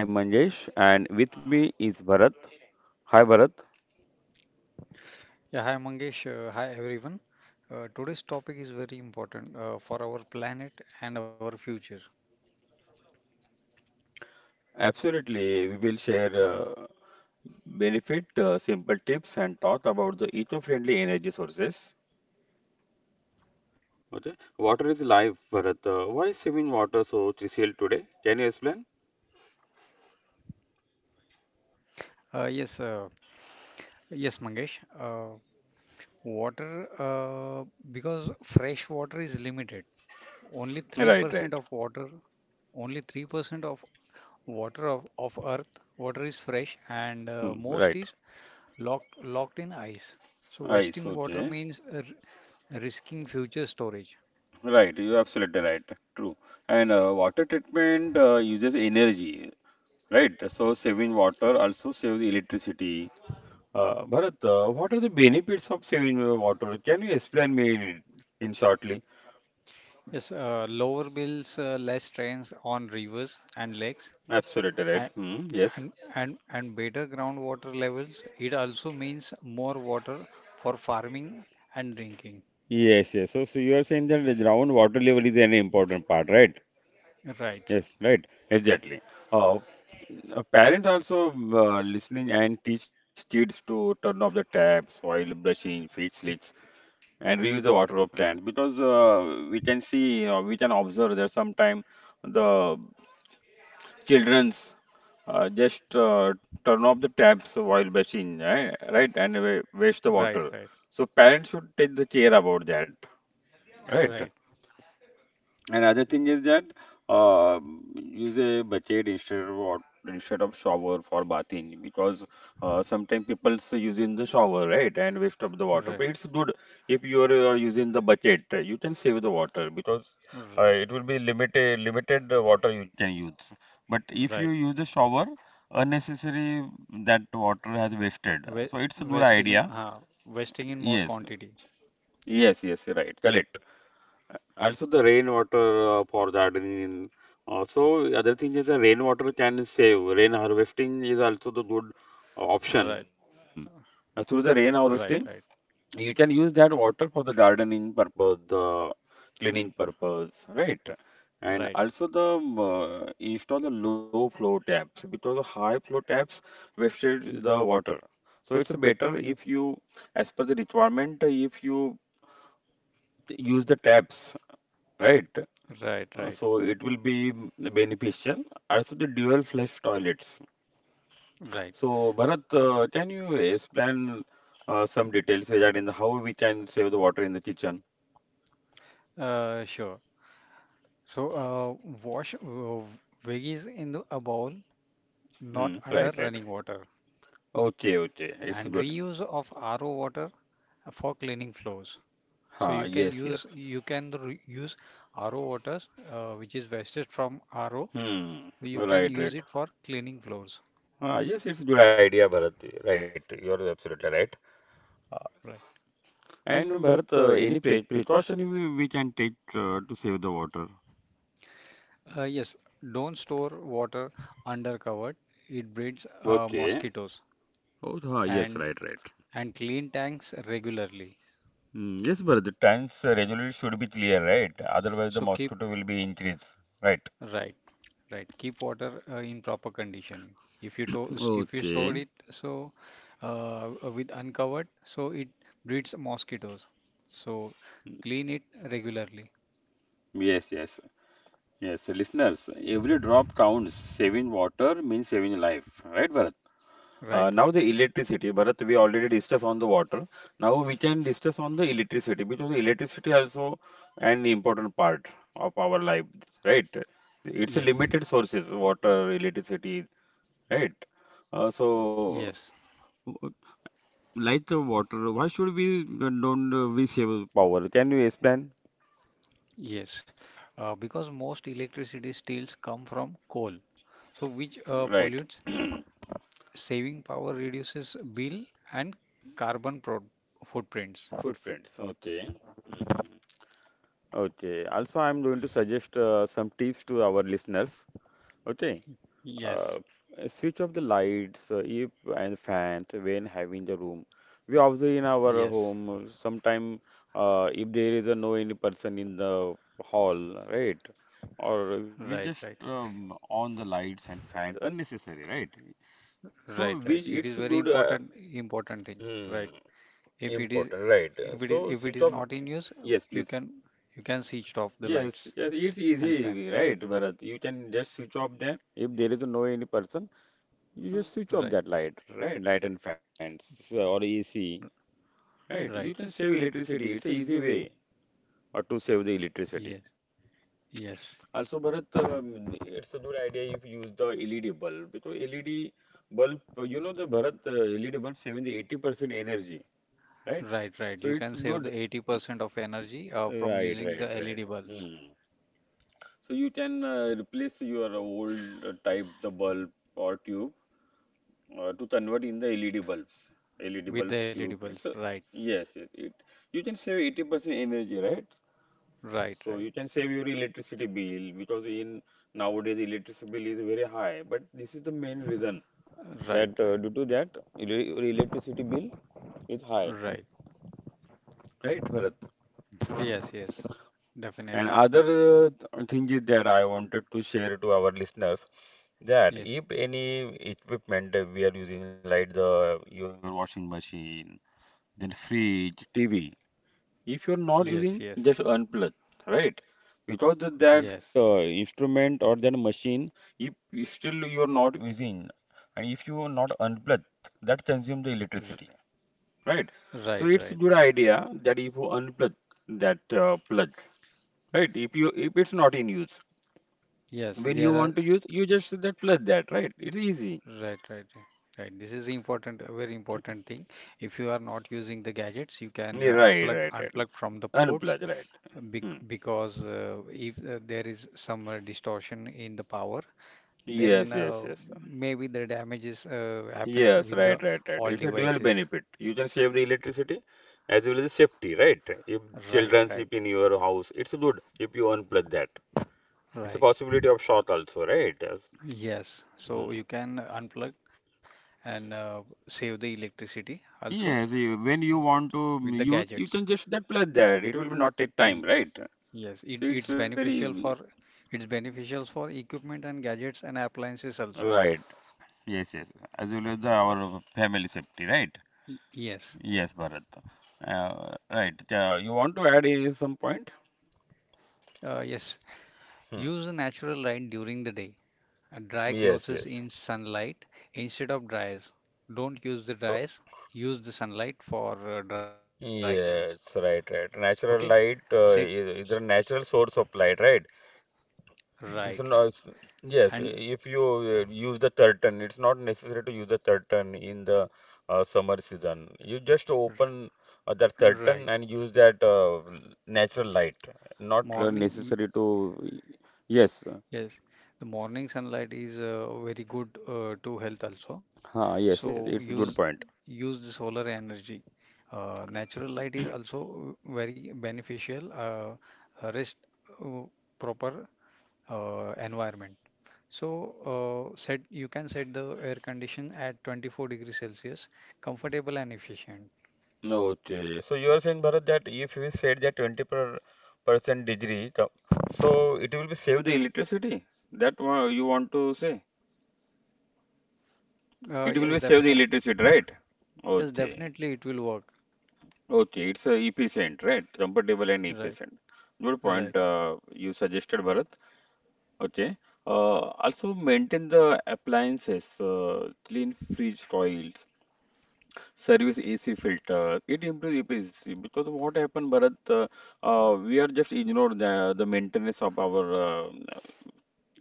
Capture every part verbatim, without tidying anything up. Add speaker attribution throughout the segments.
Speaker 1: I'm Manjesh and with me is Bharat. Hi Bharat.
Speaker 2: Yeah, hi Mangesh. Uh, hi everyone. Uh, today's topic is very important uh, for our planet and our future.
Speaker 1: Absolutely, we will share uh, benefit, uh, simple tips and talk about the eco-friendly energy sources. Okay. Water is life, Bharat. Uh, why is saving water so crucial today? Can you explain?
Speaker 2: Uh, yes, uh, yes, Mangesh. Uh, water, uh, because fresh water is limited. Only
Speaker 1: Right,
Speaker 2: three percent
Speaker 1: right.
Speaker 2: of water, only three percent of water of, of Earth, water is fresh, and uh,
Speaker 1: Hmm,
Speaker 2: most
Speaker 1: right.
Speaker 2: is locked locked in ice. So
Speaker 1: Ice,
Speaker 2: wasting water
Speaker 1: okay.
Speaker 2: means uh, r- risking future storage.
Speaker 1: Right, you're absolutely right. True. And uh, water treatment uh, uses energy, right? So saving water also saves electricity. Uh, Bharat, uh, what are the benefits of saving uh, water? Can you explain me in, in shortly?
Speaker 2: Yes, uh, lower bills, uh, less strains on rivers and lakes,
Speaker 1: Absolutely right.
Speaker 2: and,
Speaker 1: Hmm, yes.
Speaker 2: and and and better groundwater levels. It also means more water for farming and drinking.
Speaker 1: Yes, yes. So, so you are saying that the ground water level is an important part, right?
Speaker 2: Right,
Speaker 1: Yes, right. Exactly. Uh, uh, parents also uh, listening and teach kids to turn off the taps while brushing, fix lids, and reuse the water of plant because uh, we can see, uh, we can observe that sometime the children's uh, just uh, turn off the taps while washing, right? Right? And wa- waste the
Speaker 2: right,
Speaker 1: water.
Speaker 2: right,
Speaker 1: So parents should take the care about that, right?
Speaker 2: right,
Speaker 1: Another thing is that uh, use a bucket instead of wat- instead of shower for bathing because uh, sometimes people's using the shower right and waste of the water.
Speaker 2: right,
Speaker 1: But it's good if you are uh, using the bucket, uh, you can save the water because
Speaker 2: r-
Speaker 1: uh, it will be limited limited uh, water you can use. But if you
Speaker 2: right.
Speaker 1: use the shower, unnecessary that water has wasted.
Speaker 2: Ve-
Speaker 1: So it's a good
Speaker 2: Vesting in,
Speaker 1: idea.
Speaker 2: uh, vesting in more
Speaker 1: Yes,
Speaker 2: quantity.
Speaker 1: yes, yes, right, correct. Also, the rainwater uh, for gardening. Also, other thing is the rainwater can save. Rain harvesting is also the good
Speaker 2: Right,
Speaker 1: uh, option. Uh, through the rain
Speaker 2: right,
Speaker 1: harvesting,
Speaker 2: right,
Speaker 1: you can use that water for the gardening purpose, the cleaning
Speaker 2: r-
Speaker 1: purpose, right?
Speaker 2: right,
Speaker 1: And also the um, uh, install the low flow taps because the high flow taps wasted the water. So it's better if you, as per the requirement, if you use the taps, right?
Speaker 2: right,
Speaker 1: Uh,
Speaker 2: right,
Speaker 1: so it will be beneficial. Also, the dual flush toilets.
Speaker 2: right.
Speaker 1: So, Bharat, uh, can you explain uh, some details regarding the how we can save the water in the kitchen?
Speaker 2: Uh, sure. So, uh, wash uh, veggies in the, a bowl, not
Speaker 1: Hmm,
Speaker 2: under
Speaker 1: right, right.
Speaker 2: running water,
Speaker 1: Okay, okay. It's
Speaker 2: and
Speaker 1: good.
Speaker 2: reuse of R O water for cleaning floors. So
Speaker 1: Huh,
Speaker 2: you can
Speaker 1: yes,
Speaker 2: use
Speaker 1: yes.
Speaker 2: you can re- use R O waters, uh, which is wasted from R O.
Speaker 1: Hmm,
Speaker 2: You can
Speaker 1: right,
Speaker 2: use
Speaker 1: right.
Speaker 2: it for cleaning floors.
Speaker 1: Ah, yes, it's a good idea, Bharat. Right, you're absolutely right. Uh,
Speaker 2: Right.
Speaker 1: and Bharat, uh, any pre precaution we, we can take uh, to save the water?
Speaker 2: Uh, yes, don't store water under covered. It breeds uh,
Speaker 1: Okay.
Speaker 2: mosquitoes,
Speaker 1: Oh, ah, yes,
Speaker 2: and
Speaker 1: right, right.
Speaker 2: and clean tanks regularly.
Speaker 1: Mm, yes, but the times uh, resolution should be clear, right? Otherwise, the
Speaker 2: So keep
Speaker 1: mosquito will be increased, right?
Speaker 2: Right. Right. Keep water uh, in proper condition. If you to s- if you store
Speaker 1: Okay.
Speaker 2: it, so uh, with uncovered, so it breeds mosquitoes. So clean it regularly.
Speaker 1: Yes, yes, yes. Listeners, every drop counts. Saving water means saving life, right, Bharat? Uh,
Speaker 2: Right,
Speaker 1: now
Speaker 2: right.
Speaker 1: the electricity, Bharat, we already discussed on the water. Now we can discuss on the electricity because the electricity also an important part of our life, right? It's a
Speaker 2: Yes,
Speaker 1: limited sources, water, electricity, right? Uh,
Speaker 2: yes,
Speaker 1: so Light the water, why should we uh, don't uh, we save power? Can you explain?
Speaker 2: yes. Uh, because most electricity steels come from coal, so which uh,
Speaker 1: Right,
Speaker 2: pollutes. Saving power reduces bill and carbon pro footprints.
Speaker 1: footprints. Okay. Mhm. Okay. Also, I'm going to suggest uh, some tips to our listeners. Okay. Uh,
Speaker 2: Yes,
Speaker 1: switch off the lights, uh, if and fans when having the room. We
Speaker 2: yes.
Speaker 1: observe in our home sometime uh, if there is a no any person in the hall, right? Or
Speaker 2: Right,
Speaker 1: we
Speaker 2: right.
Speaker 1: just um, on the lights and fans unnecessary, right?
Speaker 2: Right,
Speaker 1: So
Speaker 2: right.
Speaker 1: which
Speaker 2: It is
Speaker 1: it's
Speaker 2: very
Speaker 1: good uh,
Speaker 2: important important thing,
Speaker 1: hmm,
Speaker 2: right?
Speaker 1: important,
Speaker 2: If
Speaker 1: right?
Speaker 2: it is
Speaker 1: So switch
Speaker 2: if
Speaker 1: off.
Speaker 2: it is if it is not
Speaker 1: Yes,
Speaker 2: in use,
Speaker 1: please.
Speaker 2: you can you can switch off the
Speaker 1: Yes, yes,
Speaker 2: lights
Speaker 1: it's
Speaker 2: and
Speaker 1: easy,
Speaker 2: fan.
Speaker 1: right, Bharat? You can just switch off them. If there is no any person, you just switch
Speaker 2: Right,
Speaker 1: off that light, right? Light and fans so- or A C, right? You
Speaker 2: right.
Speaker 1: can save electricity. It's a easy way uh, to save the
Speaker 2: Yes,
Speaker 1: electricity.
Speaker 2: yes.
Speaker 1: Also, Bharat, um, it's a good idea if you use the L E D bulb because L E D bulb, you know, the Bharat uh, L E D bulb saving the eighty percent energy, right?
Speaker 2: Right, right.
Speaker 1: So
Speaker 2: You
Speaker 1: it's
Speaker 2: can save
Speaker 1: good.
Speaker 2: the eighty percent of energy uh, from
Speaker 1: Right,
Speaker 2: using
Speaker 1: right,
Speaker 2: the
Speaker 1: right.
Speaker 2: L E D bulbs
Speaker 1: Hmm. So you can uh, replace your old uh, type the bulb or tube uh, to convert in the L E D bulbs. L E D
Speaker 2: with the
Speaker 1: bulbs
Speaker 2: L E D
Speaker 1: tube.
Speaker 2: bulbs.
Speaker 1: It's a,
Speaker 2: Right,
Speaker 1: yes, yes. It you can save eighty percent energy, right?
Speaker 2: right,
Speaker 1: So
Speaker 2: right,
Speaker 1: you can save your electricity bill because in nowadays electricity bill is very high. But this is the main reason
Speaker 2: right,
Speaker 1: that uh,
Speaker 2: right,
Speaker 1: due to that ele- your electricity bill is high,
Speaker 2: right.
Speaker 1: right, Bharat?
Speaker 2: Yes, yes.
Speaker 1: And
Speaker 2: Definitely.
Speaker 1: other uh, thing is that I wanted to share to our listeners that
Speaker 2: Yes,
Speaker 1: if any equipment that we are using, like the your washing machine, then fridge, T V, if you're not
Speaker 2: yes, yes,
Speaker 1: using, just unplug, right? Because the,
Speaker 2: yes.
Speaker 1: that uh, instrument or that machine, if you still you are not using, and if you not unplug, that consumes the
Speaker 2: R
Speaker 1: electricity, right?
Speaker 2: Right,
Speaker 1: So
Speaker 2: right,
Speaker 1: it's
Speaker 2: right.
Speaker 1: good idea that if you unplug that uh, plug. Right, if you if it's not in use,
Speaker 2: Yes.
Speaker 1: when you
Speaker 2: there are
Speaker 1: want to use, you just that plug that, right? It's easy.
Speaker 2: Right, right, right. Right. This is important, a very important thing. If you are not using the gadgets, you can
Speaker 1: Yeah,
Speaker 2: uh,
Speaker 1: right,
Speaker 2: unplug
Speaker 1: right, right.
Speaker 2: unplug from the ports,
Speaker 1: Unplug, right.
Speaker 2: uh, bec
Speaker 1: Hmm.
Speaker 2: because uh, if uh, there is some uh, distortion in the power,
Speaker 1: Yes,
Speaker 2: then
Speaker 1: yes,
Speaker 2: uh,
Speaker 1: yes.
Speaker 2: maybe the damages uh, happens
Speaker 1: Yes,
Speaker 2: with
Speaker 1: right,
Speaker 2: the
Speaker 1: right, right.
Speaker 2: all
Speaker 1: It's a dual
Speaker 2: devices.
Speaker 1: benefit. You can save the electricity as well as the safety, right? If
Speaker 2: Right,
Speaker 1: children
Speaker 2: right,
Speaker 1: sleep in your house, it's good if you unplug that. It's a
Speaker 2: right.
Speaker 1: possibility of short also, right? Yes.
Speaker 2: Yes. So
Speaker 1: Hmm.
Speaker 2: you can unplug and uh, save the electricity also
Speaker 1: Yes, eh, when you want to mm,
Speaker 2: with the
Speaker 1: use, you can
Speaker 2: gadgets.
Speaker 1: just that plug that. It will be not take time, right?
Speaker 2: Yes, it,
Speaker 1: So it's
Speaker 2: it's
Speaker 1: very mm,
Speaker 2: beneficial for it's beneficial for equipment and gadgets and appliances also.
Speaker 1: right, yes, yes. As well as the, our family safety, right?
Speaker 2: Y- yes,
Speaker 1: Yes, Bharat. Uh, right. Uh, you want to add in some point?
Speaker 2: uh, yes.
Speaker 1: Hmm.
Speaker 2: Use natural light during the day. Uh, Dry
Speaker 1: Yes,
Speaker 2: clothes
Speaker 1: yes.
Speaker 2: in sunlight instead of dryers. Don't use the
Speaker 1: Oh,
Speaker 2: dryers. Use the sunlight for uh, dry clothes.
Speaker 1: yes, right,
Speaker 2: Okay.
Speaker 1: right. Natural
Speaker 2: Set.
Speaker 1: light uh,
Speaker 2: s- s-
Speaker 1: is, is a natural source of light, right?
Speaker 2: Right,
Speaker 1: It's
Speaker 2: right.
Speaker 1: not, it's-
Speaker 2: And
Speaker 1: yes, if you uh, use the curtain, it's not necessary to use the curtain in the uh, summer season. You just
Speaker 2: r-
Speaker 1: open uh, that
Speaker 2: right.
Speaker 1: curtain and use that uh, natural light. Not uh,
Speaker 2: Morning.
Speaker 1: necessary to. Yes,
Speaker 2: Yes, the morning sunlight is uh, very good uh, to health also.
Speaker 1: ah, yes,
Speaker 2: So
Speaker 1: yes, it's a
Speaker 2: use
Speaker 1: good point.
Speaker 2: use the solar energy. Uh, natural light is also very beneficial. Uh, uh, rest, uh, proper, uh, environment. So uh, set you can set the air condition at twenty-four degrees Celsius, comfortable and efficient.
Speaker 1: Okay, so you are saying, Bharat, that if we said that twenty per percent degree, the- so it will be save the electricity. That wa- you want to say?
Speaker 2: Uh,
Speaker 1: It will be
Speaker 2: yes,
Speaker 1: save the
Speaker 2: definite.
Speaker 1: electricity, right?
Speaker 2: Yes,
Speaker 1: Okay,
Speaker 2: definitely it will work.
Speaker 1: okay, it's a efficient, right? Comfortable and
Speaker 2: Right,
Speaker 1: efficient. Good
Speaker 2: right.
Speaker 1: point uh, you suggested, Bharat. Okay. Uh, also maintain the appliances, uh, clean fridge coils, Service A C filter. It improves efficiency because what happened, Bharat, uh, uh, we are just ignore the, the maintenance of our uh,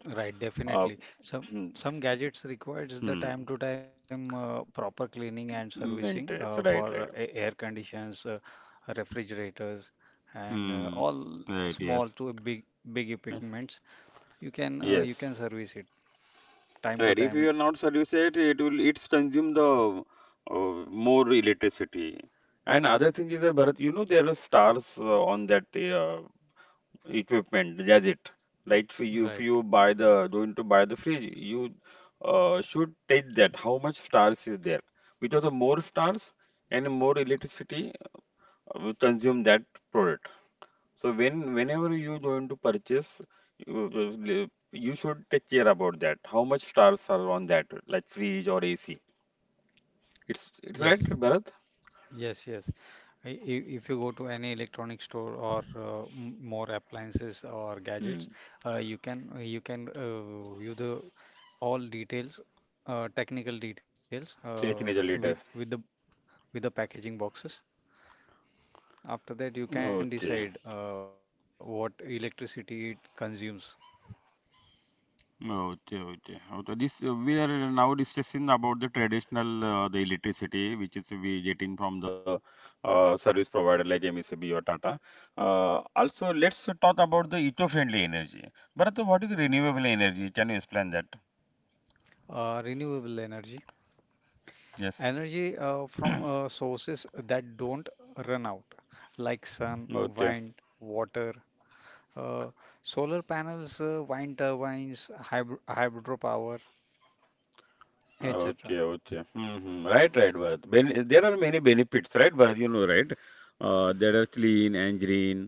Speaker 2: Right,
Speaker 1: uh,
Speaker 2: definitely. Some some gadgets requires the
Speaker 1: hmm,
Speaker 2: time to time uh, proper cleaning and servicing
Speaker 1: maintenance.
Speaker 2: uh,
Speaker 1: Right, right.
Speaker 2: for uh, a- air conditions, uh, refrigerators, and uh,
Speaker 1: Hmm.
Speaker 2: all
Speaker 1: Right, yes.
Speaker 2: small to big big
Speaker 1: Yes.
Speaker 2: equipments. You can uh,
Speaker 1: Yes.
Speaker 2: you can service it time
Speaker 1: Right.
Speaker 2: to
Speaker 1: If you are
Speaker 2: time.
Speaker 1: not service it, it will it's consume the uh, more electricity. And other thing is that Bharat, you know there are stars uh, on that. uh, equipment gadget. Like if you if
Speaker 2: Right.
Speaker 1: you buy the going to buy the fridge you uh, should take that how much stars is there because the more stars and more electricity uh, will consume that product. So when whenever you going to purchase you you- you should take care about that how much stars are on that like fridge or A C. it's it's right
Speaker 2: Yes,
Speaker 1: Bharat.
Speaker 2: yes, yes. I- i- If you go to any electronic store or uh, m- more appliances or gadgets,
Speaker 1: Hmm.
Speaker 2: uh, you can you can uh, view the all details, uh, technical details uh,
Speaker 1: eighteen
Speaker 2: with
Speaker 1: later.
Speaker 2: with the with the packaging boxes. After that, you can
Speaker 1: Okay.
Speaker 2: decide uh, what electricity it consumes.
Speaker 1: Okay, okay. Okay, this uh, we are uh, now discussing about the traditional uh, the electricity which is we getting from the uh, service provider like M E C B or Tata. Uh, also, let's talk about the eco-friendly energy. But what is renewable energy? Can you explain that?
Speaker 2: Uh, renewable energy,
Speaker 1: Yes.
Speaker 2: energy uh, from uh, sources that don't run out, like sun,
Speaker 1: Okay.
Speaker 2: wind, water, uh, solar panels, uh, wind turbines, hydro hydropower, et cetera.
Speaker 1: Okay, okay. Mm-hmm. Right, right, Bharat. Ben there are many benefits, right, Bharat? You know, right? Uh, that are clean and green,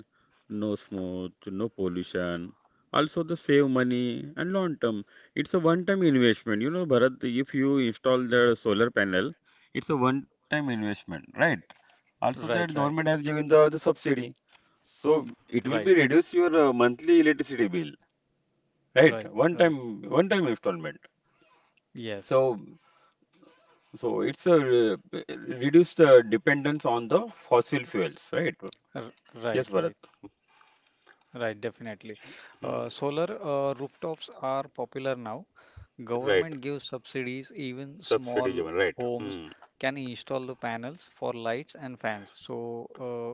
Speaker 1: no smoke, no pollution. Also, the save money and long term. It's a one-time investment. You know, Bharat, if you install the solar panel, it's a one-time investment, right? Also,
Speaker 2: Right,
Speaker 1: that
Speaker 2: right,
Speaker 1: government has given the, the subsidy. So it will
Speaker 2: right,
Speaker 1: be reduce your uh, monthly electricity bill, right?
Speaker 2: right,
Speaker 1: One
Speaker 2: right.
Speaker 1: time, one time installment.
Speaker 2: Yes.
Speaker 1: So So it's a re- reduced uh, dependence on the fossil fuels, right?
Speaker 2: R Right,
Speaker 1: Yes, Bharat.
Speaker 2: right, right. Definitely. Uh,
Speaker 1: Hmm.
Speaker 2: solar uh, rooftops are popular now.
Speaker 1: Right.
Speaker 2: Government gives subsidies. Even
Speaker 1: Subsidy
Speaker 2: small
Speaker 1: driven, right.
Speaker 2: homes
Speaker 1: Hmm.
Speaker 2: can install the panels for lights and fans. So,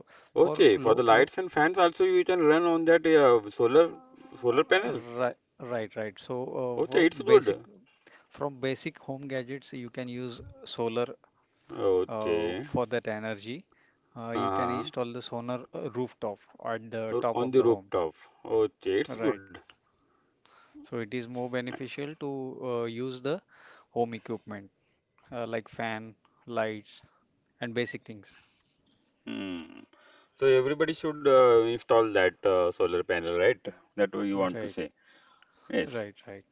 Speaker 2: uh, for
Speaker 1: Okay, for the
Speaker 2: low, low,
Speaker 1: lights and fans also you can run on that uh, solar solar panel.
Speaker 2: Right, right, right. So, uh,
Speaker 1: Okay,
Speaker 2: for
Speaker 1: it's
Speaker 2: basic
Speaker 1: good.
Speaker 2: From basic home gadgets, you can use solar uh,
Speaker 1: Okay.
Speaker 2: for that energy. Uh, you can
Speaker 1: Uh-huh.
Speaker 2: install the solar uh, rooftop at the
Speaker 1: Or
Speaker 2: top
Speaker 1: on
Speaker 2: of
Speaker 1: the
Speaker 2: the home.
Speaker 1: rooftop. Okay, it's
Speaker 2: Right.
Speaker 1: good.
Speaker 2: So it is more beneficial to uh, use the home equipment, uh, like fan, lights, and basic things.
Speaker 1: Hmm. So everybody should uh, install that uh, solar panel, right? That way you want to
Speaker 2: Right,
Speaker 1: say. Yes.
Speaker 2: right, right,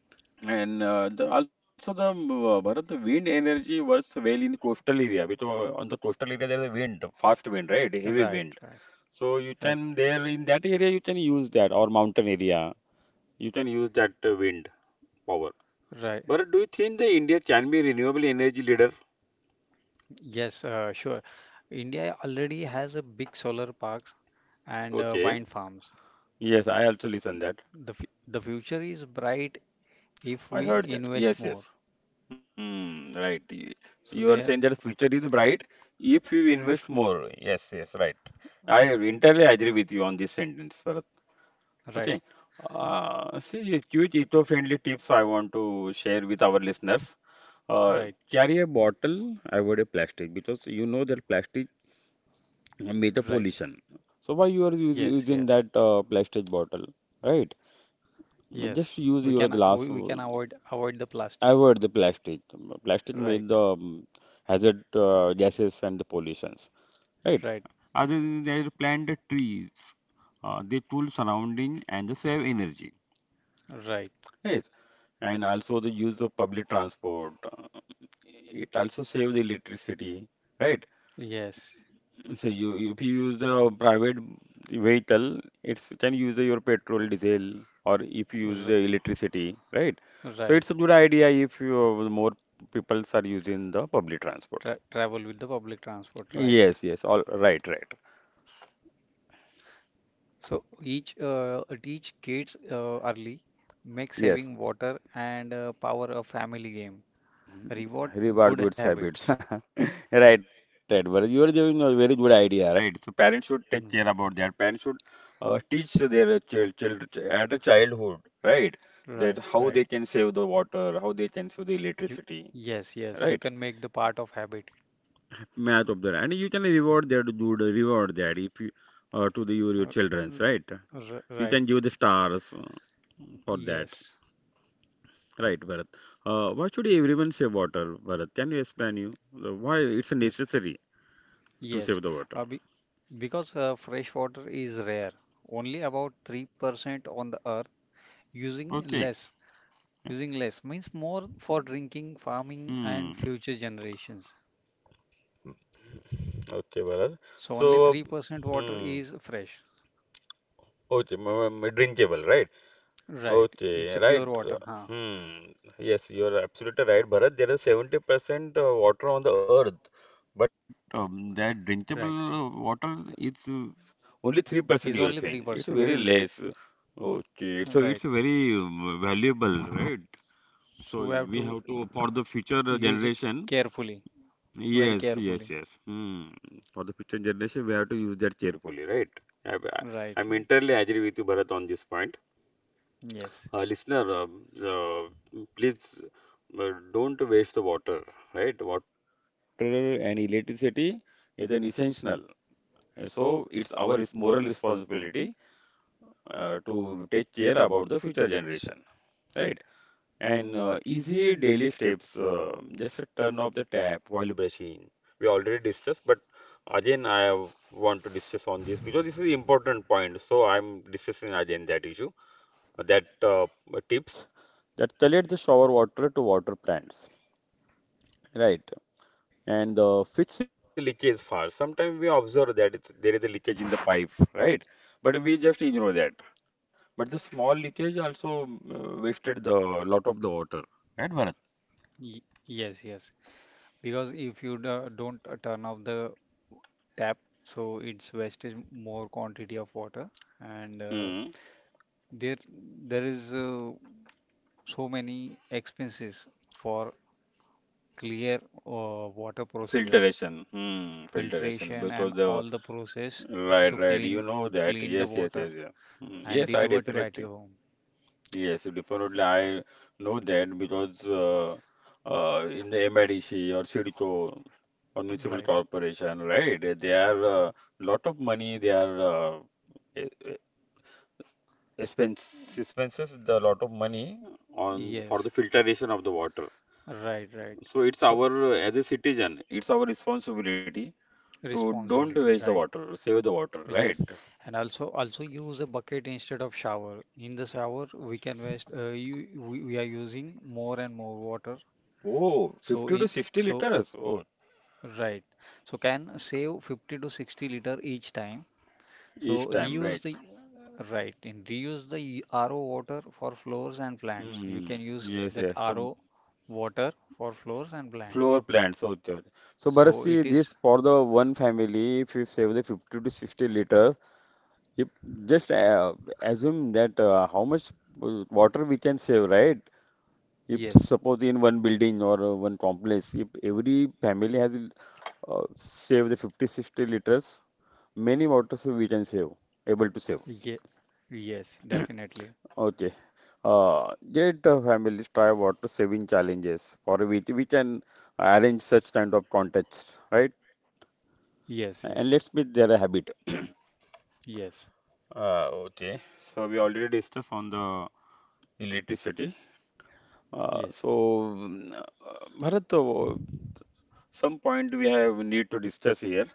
Speaker 1: And uh, the, also the um, uh, Bharat, the wind energy works well in coastal area because on the coastal area there is a wind, fast wind, right? Heavy
Speaker 2: right,
Speaker 1: wind.
Speaker 2: right,
Speaker 1: So you
Speaker 2: right,
Speaker 1: can there in that area you can use that or mountain area you can use that uh, wind power.
Speaker 2: right.
Speaker 1: But do you think that India can be renewable energy leader?
Speaker 2: Yes, uh, sure. India already has a big solar parks and uh,
Speaker 1: Okay.
Speaker 2: wind farms.
Speaker 1: Yes, I also listen that.
Speaker 2: The f the future is bright if
Speaker 1: I
Speaker 2: we
Speaker 1: heard that.
Speaker 2: invest
Speaker 1: Yes,
Speaker 2: more.
Speaker 1: yes. Hmm. Right. Y- you are
Speaker 2: So
Speaker 1: saying
Speaker 2: there,
Speaker 1: that future is bright if you invest more. Yes, yes. Right. I entirely agree with you on this sentence, Bharat.
Speaker 2: right,
Speaker 1: Okay. Uh, see, few eco-friendly tips I want to share with our listeners. Uh,
Speaker 2: right,
Speaker 1: carry a bottle, avoid a plastic because you know that plastic make a
Speaker 2: right.
Speaker 1: pollution. So why you are us-
Speaker 2: Yes,
Speaker 1: using
Speaker 2: yes,
Speaker 1: that uh, plastic bottle, right?
Speaker 2: yes.
Speaker 1: Just use
Speaker 2: We can
Speaker 1: your
Speaker 2: we,
Speaker 1: glass.
Speaker 2: we can
Speaker 1: uh,
Speaker 2: avoid avoid the plastic.
Speaker 1: Avoid the plastic. Plastic
Speaker 2: Right,
Speaker 1: made the um, hazard uh, gases and the pollutions, right?
Speaker 2: right,
Speaker 1: Other than that, plant the trees. Uh, they cool surrounding and they save energy.
Speaker 2: right.
Speaker 1: Right? And also the use of public transport. It also save the electricity, right?
Speaker 2: Yes,
Speaker 1: So you you- if you use the private vehicle, it's can use the, your petrol, diesel, or if you use
Speaker 2: r
Speaker 1: the electricity, right? So
Speaker 2: right.
Speaker 1: it's a good idea if you more peoples are using the public transport.
Speaker 2: Tra travel with the public transport. Right.
Speaker 1: Yes, yes, all right, right.
Speaker 2: So each uh, teach kids uh, early, make
Speaker 1: Yes,
Speaker 2: saving water and uh, power a family game. Reward
Speaker 1: reward
Speaker 2: good
Speaker 1: good
Speaker 2: habits.
Speaker 1: habits. Right, right. But you are giving a very good idea, right? So parents should take care
Speaker 2: Mm.
Speaker 1: about that. Parents should uh, teach their child, child at a childhood, right? That
Speaker 2: Right,
Speaker 1: how they
Speaker 2: right.
Speaker 1: can save the water, how they can save the
Speaker 2: You
Speaker 1: electricity,
Speaker 2: Yes, yes. You
Speaker 1: right?
Speaker 2: can make the part of habit.
Speaker 1: Math of that, and you can reward that good, reward that if you uh, to the your, your
Speaker 2: Uh,
Speaker 1: childrens, right?
Speaker 2: r- r-
Speaker 1: You
Speaker 2: right.
Speaker 1: can give the stars uh, for that,
Speaker 2: Yes.
Speaker 1: right, Bharat? Uh, why should everyone save water, Bharat? Can you explain you the- why it's
Speaker 2: Yes.
Speaker 1: necessary to
Speaker 2: Yes,
Speaker 1: save the water?
Speaker 2: uh, be because uh, fresh water is rare, only about three percent on the earth, using
Speaker 1: Okay.
Speaker 2: less. Using less means more for drinking, farming, and
Speaker 1: Hmm.
Speaker 2: future generations.
Speaker 1: Okay, Bharat.
Speaker 2: So only
Speaker 1: So,
Speaker 2: three percent water
Speaker 1: hmm.
Speaker 2: is fresh.
Speaker 1: Okay, m- m- drinkable, right?
Speaker 2: Right,
Speaker 1: Okay,
Speaker 2: it's a pure
Speaker 1: right. uh,
Speaker 2: water, huh?
Speaker 1: Hmm. Yes, you are absolutely right, Bharat. There is seventy percent uh, water on the earth, but um, that
Speaker 2: Right,
Speaker 1: drinkable uh, water it's uh, only
Speaker 2: is
Speaker 1: three percent you are
Speaker 2: only
Speaker 1: saying. It's
Speaker 2: three percent.
Speaker 1: very less. Okay, so
Speaker 2: Right,
Speaker 1: it's very um, valuable, right? So
Speaker 2: so we have
Speaker 1: we
Speaker 2: to
Speaker 1: have to for the future
Speaker 2: use it
Speaker 1: generation.
Speaker 2: carefully, very
Speaker 1: Yes, yes,
Speaker 2: carefully.
Speaker 1: yes. Hmm. For the future generation, we have to use that carefully, right? I,
Speaker 2: Right,
Speaker 1: I am
Speaker 2: right.
Speaker 1: entirely agree with you, Bharat, on this point.
Speaker 2: Yes.
Speaker 1: Uh, listener, um, uh, please uh, don't waste the water, right? Water and electricity is an essential. And So it's our res- moral responsibility uh, to take care about the future generation, right? And uh, easy daily steps, uh, just turn off the tap while brushing. We already discussed, but again, I want to discuss on this because this is important point. So I'm discussing again that issue, that uh, tips that collect the shower water to water plants, right? And uh, fix the leakage fast. Sometimes we observe that it's, there is a leakage in the pipe, right? But we just ignore that. But the small leakage also uh, wasted the lot of the water, right, Bharat?
Speaker 2: Y Yes, yes. Because if you do, don't uh, turn off the tap, so it's wastage more quantity of water, and uh,
Speaker 1: Hmm.
Speaker 2: there there is uh, so many expenses for clear, uh, water procedure,
Speaker 1: Filtration. Hmm. Filtration.
Speaker 2: filtration, and
Speaker 1: Because the
Speaker 2: all the process
Speaker 1: right,
Speaker 2: to
Speaker 1: right. You
Speaker 2: clean
Speaker 1: know that.
Speaker 2: clean the
Speaker 1: Yes, yes,
Speaker 2: water
Speaker 1: yes, yeah. Hmm.
Speaker 2: and
Speaker 1: Yes, I
Speaker 2: delivered to at
Speaker 1: definitely.
Speaker 2: your home.
Speaker 1: Yes, definitely. I know that because uh, uh, in the M I D C or CIDCO or municipal
Speaker 2: Right.
Speaker 1: corporation, right? eh, They are uh, lot of money. They are uh, e- e- expense expenses. The lot of money on for the
Speaker 2: Yes.
Speaker 1: filtration of the water.
Speaker 2: Right. Right.
Speaker 1: So it's
Speaker 2: So
Speaker 1: our uh, as a citizen, it's our responsibility to don't
Speaker 2: responsibility.
Speaker 1: waste the
Speaker 2: Right.
Speaker 1: water, save the water, right?
Speaker 2: Yes, and also also use a bucket instead of shower. In the shower, we can waste. Uh, you we, we are using more and more water.
Speaker 1: Oh, fifty
Speaker 2: So
Speaker 1: to
Speaker 2: in,
Speaker 1: sixty
Speaker 2: so
Speaker 1: liters. Oh,
Speaker 2: Right. So can save fifty to sixty liter each time.
Speaker 1: each
Speaker 2: So
Speaker 1: time, right?
Speaker 2: reuse the Right. in Reuse the R O water for floors and plants. You
Speaker 1: Hmm.
Speaker 2: can use
Speaker 1: Yes,
Speaker 2: that
Speaker 1: yes. So
Speaker 2: R O water for floors and plants.
Speaker 1: floor plants. Okay, okay. So Bharat,
Speaker 2: So
Speaker 1: see
Speaker 2: it
Speaker 1: this
Speaker 2: is
Speaker 1: for the one family, if you save the fifty to sixty liter, if just uh, assume that uh, how much uh, water we can save, right? If
Speaker 2: Yes,
Speaker 1: suppose in one building or uh, one complex, if every family has uh, save the fifty sixty liters, many waters we can save, able to save.
Speaker 2: ye, yes, definitely.
Speaker 1: Okay. Uh, let the families try water saving challenges for which we can arrange such kind of contests, right?
Speaker 2: Yes,
Speaker 1: And let's
Speaker 2: yes,
Speaker 1: make their a habit.
Speaker 2: yes,
Speaker 1: Uh, okay, so we already discussed on the electricity. Uh,
Speaker 2: yes.
Speaker 1: so, mm, uh, Bharat, uh, some point we have need to discuss here.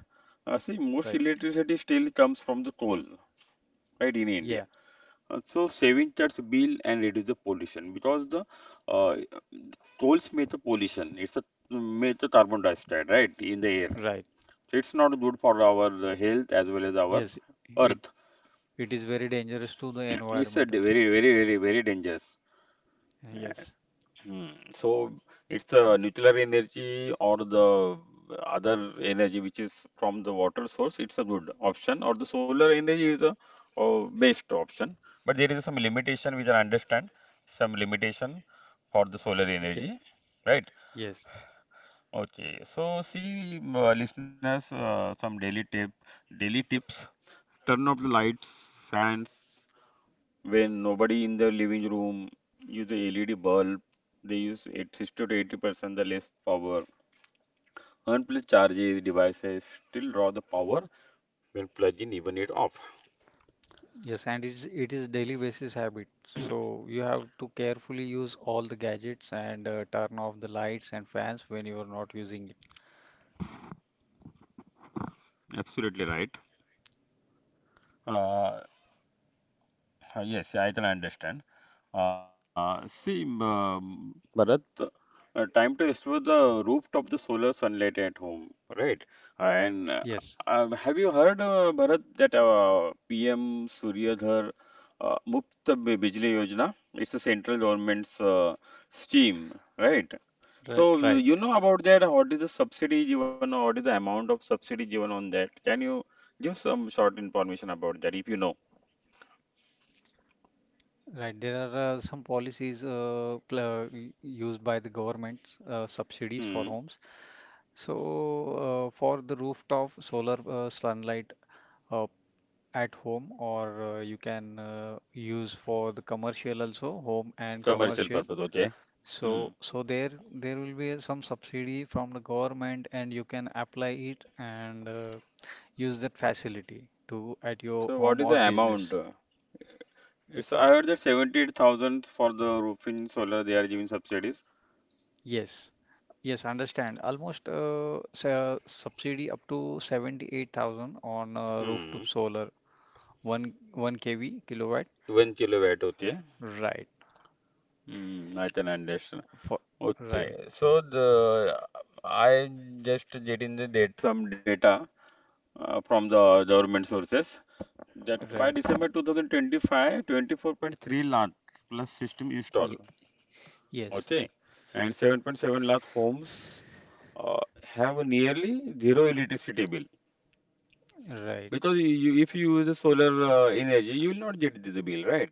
Speaker 1: Uh, see, most
Speaker 2: Right.
Speaker 1: electricity still comes from the coal, right, in India.
Speaker 2: Yeah.
Speaker 1: Uh, So saving cuts bill and reduce the pollution because the uh, tolls make the pollution. It's a Make the carbon dioxide right in the air.
Speaker 2: Right.
Speaker 1: So it's not good for our uh, health as well as our
Speaker 2: Yes. It
Speaker 1: earth.
Speaker 2: it is very dangerous to the
Speaker 1: It's a
Speaker 2: environment,
Speaker 1: d-
Speaker 2: also.
Speaker 1: very very very very dangerous.
Speaker 2: Yes.
Speaker 1: Mm. So it's a nuclear energy or the other energy which is from the water source. It's a good option, or the solar energy is a uh, best option. But there is some limitation which I understand, some limitation for the solar
Speaker 2: Ye-
Speaker 1: energy, right?
Speaker 2: Yes.
Speaker 1: Okay. So see, m- uh, listeners, uh, some daily tip, daily tips. Turn off the lights, fans when nobody in the living room use the LED bulb, they use eight, sixty to eighty percent the less power. Unplugged charges devices still draw the power when plugging even it off.
Speaker 2: Yes. And it's it is daily basis habit. So you have to carefully use all the gadgets and uh, turn off the lights and fans when you are not using it.
Speaker 1: Absolutely right. Uh, yes, I can understand. Uh, see, um, Bharat, uh, time to explore the rooftop, the solar sunlight at home, right? And uh,
Speaker 2: Yes.
Speaker 1: uh, have you heard, uh, Bharat, that uh, P M Suryadhar uh, Muft Bijli Yojana? It's a central government's uh, scheme, right?
Speaker 2: Right.
Speaker 1: So uh,
Speaker 2: Right.
Speaker 1: you know about that? What is the subsidy given, or what is the amount of subsidy given on that? Can you give some short information about that if you know?
Speaker 2: Right. There are uh, some policies, uh, pl- uh, y- used by the government, uh, subsidies for
Speaker 1: Hmm.
Speaker 2: homes. So uh, for the rooftop solar uh, sunlight, uh, at home, or uh, you can uh, use for the commercial also, home and
Speaker 1: Commercial
Speaker 2: commercial.
Speaker 1: purpose, okay?
Speaker 2: so
Speaker 1: Hmm.
Speaker 2: so there there will be some subsidy from the government and you can apply it and uh, use that facility to at your
Speaker 1: So what
Speaker 2: home
Speaker 1: is
Speaker 2: or
Speaker 1: the amount?
Speaker 2: business.
Speaker 1: It's I heard that seventy-eight thousand for the roofing solar they are giving subsidies.
Speaker 2: Yes, yes, understand. Almost, uh, sa- subsidy up to seventy-eight thousand on uh, rooftop
Speaker 1: Hmm.
Speaker 2: solar one one k v kilowatt,
Speaker 1: one kilowatt, okay.
Speaker 2: right,
Speaker 1: Hmm, I can understand.
Speaker 2: for
Speaker 1: Okay.
Speaker 2: right,
Speaker 1: So the I just getting the date some data uh, from the government sources that by
Speaker 2: right.
Speaker 1: December two thousand twenty-five, twenty-four point three lakh plus system
Speaker 2: Ye-
Speaker 1: install.
Speaker 2: yes,
Speaker 1: Okay. And seven point seven lakh homes uh, have nearly zero electricity bill.
Speaker 2: right.
Speaker 1: Because you, you- if you use the solar uh, energy, you will not get the bill, right?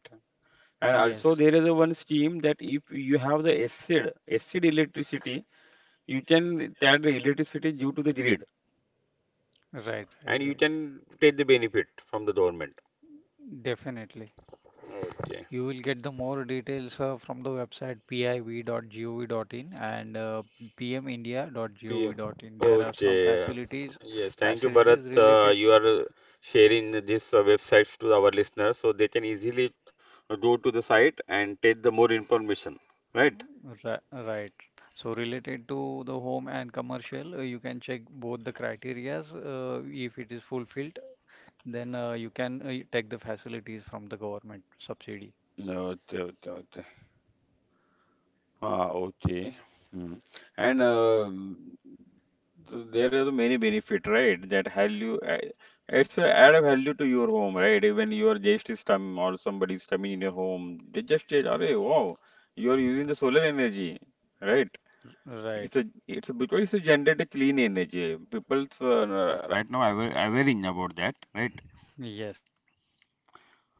Speaker 1: And
Speaker 2: Yes,
Speaker 1: also there is a one scheme that if you have the acid, acid electricity, you can charge the electricity due to the grid,
Speaker 2: right, right,
Speaker 1: and you
Speaker 2: right.
Speaker 1: can take the benefit from the government.
Speaker 2: Definitely.
Speaker 1: Okay.
Speaker 2: You will get the more details uh, from the website p i v dot gov dot in and uh,
Speaker 1: P M.
Speaker 2: p m india dot gov dot in. There are some
Speaker 1: Okay.
Speaker 2: facilities,
Speaker 1: Yes. Thank you, Bharat.
Speaker 2: facilities
Speaker 1: Uh,
Speaker 2: related,
Speaker 1: you are sharing these uh, websites to our listeners so they can easily uh, go to the site and take the more information, right?
Speaker 2: ri- Right. So related to the home and commercial, uh, you can check both the criterias. Uh, if it is fulfilled, then uh, you can uh, take the facilities from the government subsidy.
Speaker 1: Okay. Okay, okay. Ah, okay. Hmm. And uh, th- there are many benefit, right? That value, uh, it's a add a value to your home, right? Even your guest is come or somebody is coming in your home, they just say, "Arey, wow, you are using the solar energy, right?"
Speaker 2: Right.
Speaker 1: It's a it's a because it's a generated clean energy. People's uh, right now aware, awareing about that, right?
Speaker 2: Yes, yes.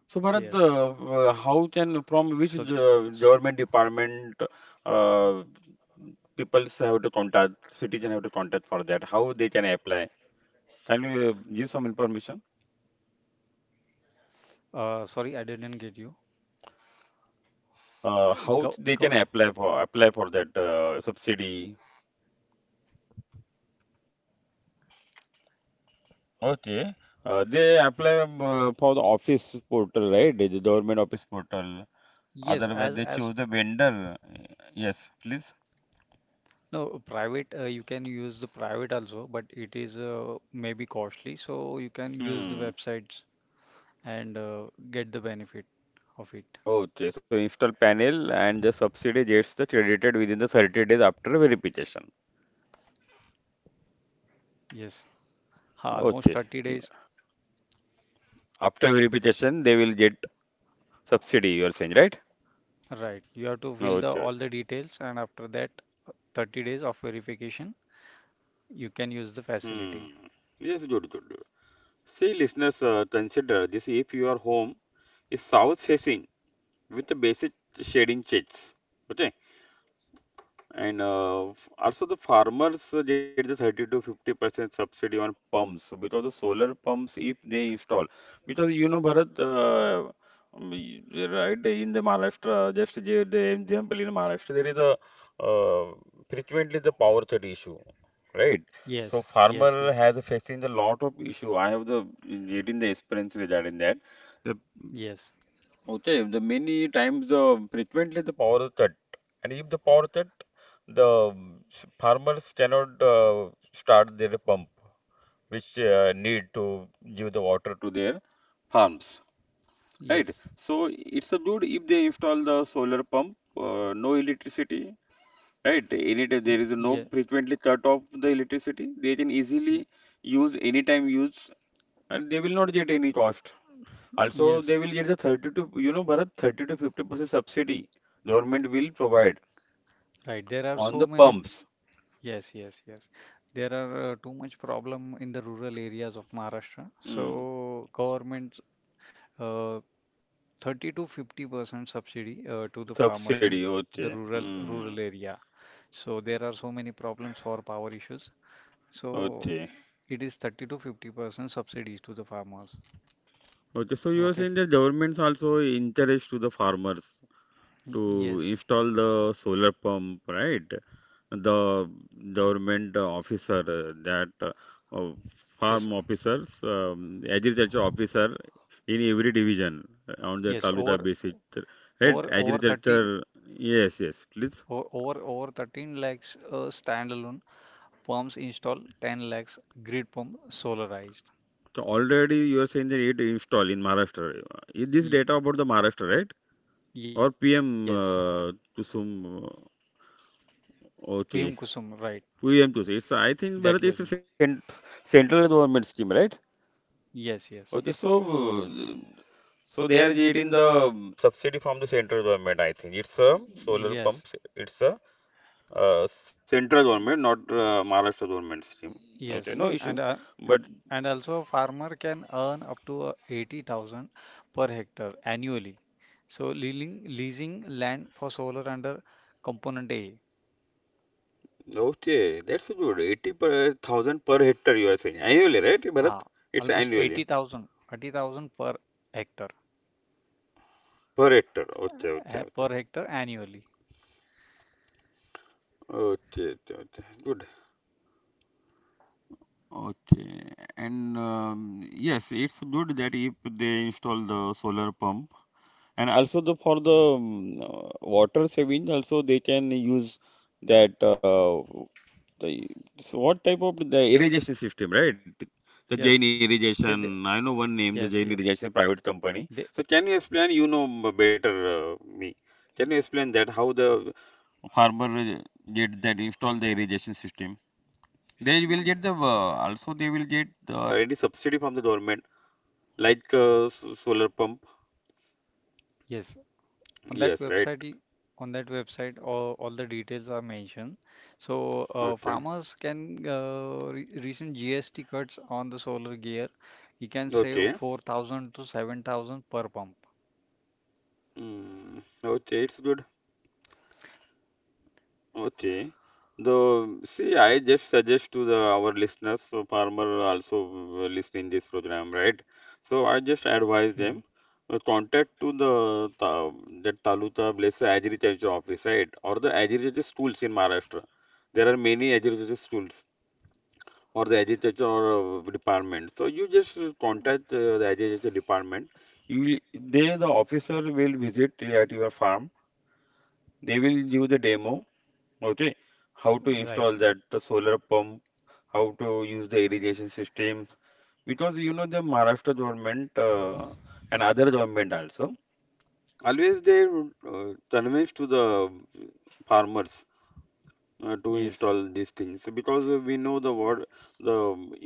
Speaker 1: So, Bharat,
Speaker 2: So,
Speaker 1: uh, uh, how
Speaker 2: s-
Speaker 1: can from which uh, government department uh, peoples have to contact, citizen have to contact for that? How they can apply? Can you uh, give some information?
Speaker 2: uh, Sorry, I didn't get you.
Speaker 1: Uh, how
Speaker 2: Gov,
Speaker 1: they can
Speaker 2: gov,
Speaker 1: apply for apply for that uh, subsidy? Okay, uh, they apply um, uh, for the office portal, right? The government office portal.
Speaker 2: yes,
Speaker 1: Otherwise,
Speaker 2: as
Speaker 1: they
Speaker 2: as
Speaker 1: choose the vendor. Yes, please.
Speaker 2: no, private, uh, you can use the private also, but it is uh, maybe costly, so you can use the
Speaker 1: Hmm.
Speaker 2: websites and uh, get the benefit of it.
Speaker 1: Okay, so install panel and the subsidy gets the credited within the thirty days after verification.
Speaker 2: Yes. Ha,
Speaker 1: Okay.
Speaker 2: almost thirty days.
Speaker 1: After verification, they will get subsidy, you are saying, right?
Speaker 2: Right, you have to fill the
Speaker 1: Okay, okay.
Speaker 2: all the details, and after that, uh, thirty days of verification, you can use the
Speaker 1: Hmm.
Speaker 2: facility.
Speaker 1: Yes, good, good, good. See, listeners, uh, consider this if your home is south facing with the basic shading shades. Okay. And uh, f- also the farmers uh, get the thirty to fifty percent subsidy on pumps because the solar pumps if they install because you know Bharat uh, um, y- you're right in the Maharashtra just the, the example in Maharashtra there is a uh, frequently the power cut issue, right? So
Speaker 2: Yes, yes,
Speaker 1: farmer
Speaker 2: yes,
Speaker 1: has facing the lot of issue. I have the getting the experience regarding that.
Speaker 2: yes,
Speaker 1: Okay, the many times the frequently the power cut, and if the power cut, the um, s- farmers cannot uh, start their pump, which uh, need to give the water to their farms, right?
Speaker 2: yes,
Speaker 1: So it's a good if they install the solar pump, uh, no electricity, right? Anytime there
Speaker 2: y
Speaker 1: is no
Speaker 2: yeah,
Speaker 1: frequently cut off the electricity, they can
Speaker 2: y
Speaker 1: easily use anytime use, and they will not get any cost. Also, they
Speaker 2: yes.
Speaker 1: will get the thirty to, you know, Bharat, thirty to fifty percent subsidy government will provide
Speaker 2: Right, there are
Speaker 1: on
Speaker 2: so
Speaker 1: the
Speaker 2: many.
Speaker 1: pumps.
Speaker 2: Yes, yes, yes. There are uh, too much problem in the rural areas of Maharashtra.
Speaker 1: Hmm.
Speaker 2: So government uh, thirty to fifty percent subsidy uh, to the farmers
Speaker 1: Subsidy,
Speaker 2: in the
Speaker 1: okay.
Speaker 2: rural rural
Speaker 1: Hmm.
Speaker 2: area. So there are so many problems for power issues. So
Speaker 1: Okay.
Speaker 2: it is thirty to fifty percent subsidies to the farmers.
Speaker 1: Okay, so you are
Speaker 2: Okay.
Speaker 1: saying that governments also encourage to the farmers to
Speaker 2: Y- Yes,
Speaker 1: install the solar pump, right? The government officer uh, that uh, uh,
Speaker 2: yes,
Speaker 1: farm officers um, agriculture officer in every division uh, on the
Speaker 2: yes.
Speaker 1: taluka
Speaker 2: Over
Speaker 1: basis uh, right
Speaker 2: over over thirteen,
Speaker 1: agriculture. Yes, yes, please.
Speaker 2: o- over over thirteen lakhs uh, standalone pumps install, ten lakhs grid pump solarized.
Speaker 1: So already you are saying that it install in Maharashtra. Is this
Speaker 2: Y-
Speaker 1: data about the Maharashtra, right? Or
Speaker 2: yes.
Speaker 1: PM uh, to uh,
Speaker 2: Piyum Kusum,
Speaker 1: okay,
Speaker 2: right.
Speaker 1: PM Kusum. It's I
Speaker 2: That
Speaker 1: think
Speaker 2: Yojana.
Speaker 1: Bharat it's a cent- central government scheme, right?
Speaker 2: Yes, yes.
Speaker 1: Okay, so uh, so they are getting the um, subsidy from the central government, I think. It's a solar
Speaker 2: Yes,
Speaker 1: pumps. It's a uh, central government, not uh, Maharashtra government scheme. Okay,
Speaker 2: yes.
Speaker 1: no issue.
Speaker 2: And uh,
Speaker 1: But
Speaker 2: a- and also farmer can earn up to uh, eighty thousand per hectare annually. So leasing leasing land for solar under component A.
Speaker 1: okay, that's good. eighty per thousand per hectare you are saying annually, right, Bharat?
Speaker 2: Ah,
Speaker 1: It's
Speaker 2: almost
Speaker 1: annually
Speaker 2: eighty thousand, eighty thousand per hectare,
Speaker 1: per hectare. Okay, okay,
Speaker 2: eh,
Speaker 1: okay.
Speaker 2: per hectare annually.
Speaker 1: Okay, okay, okay. Good. Okay, and um, yes, it's good that if they install the solar pump. And also the for the um, uh, water saving, also they can use that uh, the, so what type of the
Speaker 2: They,
Speaker 1: irrigation system, right? The Jain
Speaker 2: yes. They,
Speaker 1: irrigation,
Speaker 2: they,
Speaker 1: I know one name, the Jain
Speaker 2: yes, yes.
Speaker 1: irrigation private company.
Speaker 2: They,
Speaker 1: So can you explain? You know m- better uh, me. Can you
Speaker 2: y-
Speaker 1: explain that how the farmer uh, get that install the irrigation system? They will get the uh, also they will get the any subsidy from the government like uh, s- solar pump.
Speaker 2: yes. On that
Speaker 1: Yes, right.
Speaker 2: website, y- on that website, all, all the details are mentioned. So uh,
Speaker 1: Okay.
Speaker 2: farmers can, uh, re recent G S T cuts on the solar gear. You can save
Speaker 1: Okay.
Speaker 2: four thousand to seven thousand per pump.
Speaker 1: Mm, okay, it's good. Okay. The see, I just suggest to the our listeners, so farmer also uh, listening this program, right? So I just
Speaker 2: Hmm.
Speaker 1: advise them uh, contact to the ta that taluka, bless agriculture office, right? Or the agriculture schools in Maharashtra. There are many agriculture schools or the agriculture uh, department. So you just uh, contact uh, the agriculture department. You will, they the officer will visit at your farm. They will give the demo. Okay, how to
Speaker 2: Right.
Speaker 1: install that the solar pump, how to use the irrigation systems, because you know the Maharashtra government uh, and other government also always they uh, convince to the farmers uh, to
Speaker 2: Yes,
Speaker 1: install these things because uh, we know the word the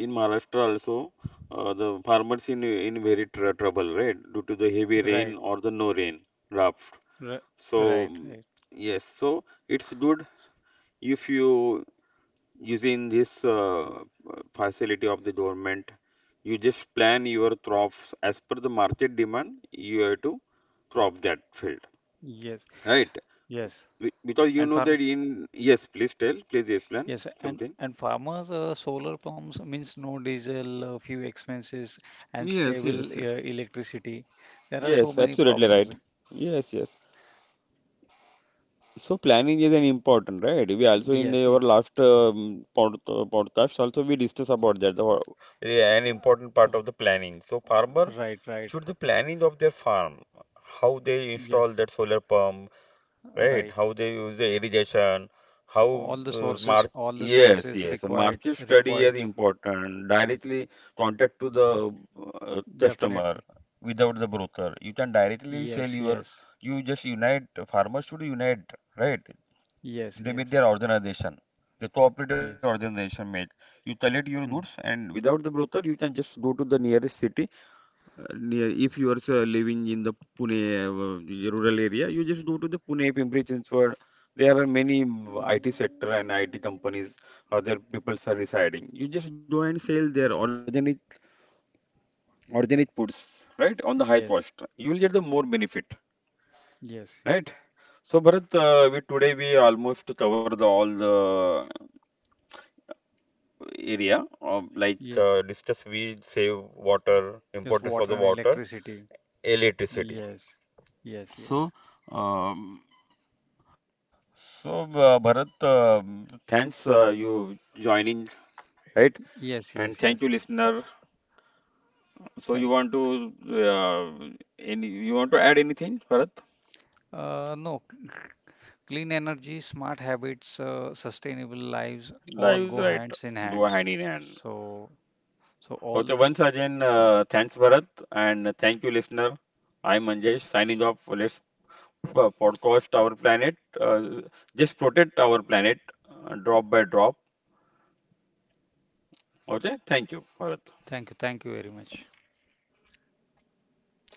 Speaker 1: in Maharashtra also uh, the farmers in in very tr trouble, right, due to the heavy rain
Speaker 2: right,
Speaker 1: or the no rain drought.
Speaker 2: right,
Speaker 1: So
Speaker 2: right, right.
Speaker 1: yes, so it's good if you using this uh, facility of the government. You just plan your crops as per the market demand. You have to crop that field,
Speaker 2: Yes,
Speaker 1: right?
Speaker 2: yes.
Speaker 1: Be- because you
Speaker 2: And
Speaker 1: know
Speaker 2: farm,
Speaker 1: that in yes please tell please explain
Speaker 2: yes, and
Speaker 1: something.
Speaker 2: and farmers, uh, solar pumps means no diesel, uh, few expenses, and
Speaker 1: Yes,
Speaker 2: stable
Speaker 1: yes.
Speaker 2: uh, electricity. There are so
Speaker 1: Yes,
Speaker 2: many
Speaker 1: absolutely
Speaker 2: problems.
Speaker 1: right. Yes, yes. So planning is an important, right? We also in
Speaker 2: Yes,
Speaker 1: the, our
Speaker 2: it
Speaker 1: last um, pod, uh, podcast also we discussed about that the, ho- the- an important part of the planning. So farmer
Speaker 2: right, right.
Speaker 1: should the planning of their farm, how they install
Speaker 2: Yes,
Speaker 1: that solar pump, right,
Speaker 2: right.
Speaker 1: how they use the irrigation, how
Speaker 2: All the
Speaker 1: uh,
Speaker 2: sources,
Speaker 1: march,
Speaker 2: all the
Speaker 1: yes,
Speaker 2: sources
Speaker 1: yes, march
Speaker 2: required,
Speaker 1: study is
Speaker 2: required,
Speaker 1: important. Directly contact to the uh, customer
Speaker 2: definitely.
Speaker 1: without the broker. You can directly sell
Speaker 2: Yes,
Speaker 1: your,
Speaker 2: yes,
Speaker 1: you just unite, farmers should unite, right?
Speaker 2: yes,
Speaker 1: They make
Speaker 2: yes,
Speaker 1: their organization, the cooperative
Speaker 2: yes.
Speaker 1: organization make. You collect your goods
Speaker 2: Hmm.
Speaker 1: and without the broker, you can just go to the nearest city uh, near if you are uh, living in the Pune uh, rural area, you just go to the Pune, Pimpri Chinchwad. There are many mm, I T sector and I T companies or their people are residing. You just go and sell their organic organic foods, right, on the high
Speaker 2: Yes,
Speaker 1: cost. You will get the more benefit,
Speaker 2: yes,
Speaker 1: right? So Bharat, uh, we today we almost cover the, all the area of like
Speaker 2: yes,
Speaker 1: uh, discuss weed, save water,
Speaker 2: yes, water and
Speaker 1: importance of the water,
Speaker 2: electricity.
Speaker 1: electricity.
Speaker 2: Yes, yes, yes,
Speaker 1: So. Um, So, uh, Bharat, uh, thanks uh, you joining, right?
Speaker 2: yes,
Speaker 1: And
Speaker 2: yes,
Speaker 1: thank
Speaker 2: yes.
Speaker 1: you, listener. So, you
Speaker 2: Thank.
Speaker 1: want to uh, any you want to add anything, Bharat?
Speaker 2: Uh, no, c- clean energy, smart habits, uh, sustainable lives all
Speaker 1: Lives,
Speaker 2: go
Speaker 1: right?
Speaker 2: hands in
Speaker 1: Go
Speaker 2: hands.
Speaker 1: hand in hand.
Speaker 2: So, so all
Speaker 1: Okay,
Speaker 2: the,
Speaker 1: once again, uh, thanks, Bharat, and thank you, listener. I'm Manjesh signing off. Let's po- podcast our planet. Uh, just protect our planet, uh, drop by drop. Okay, thank you, Bharat.
Speaker 2: Thank you, thank you very much.
Speaker 1: Same to you.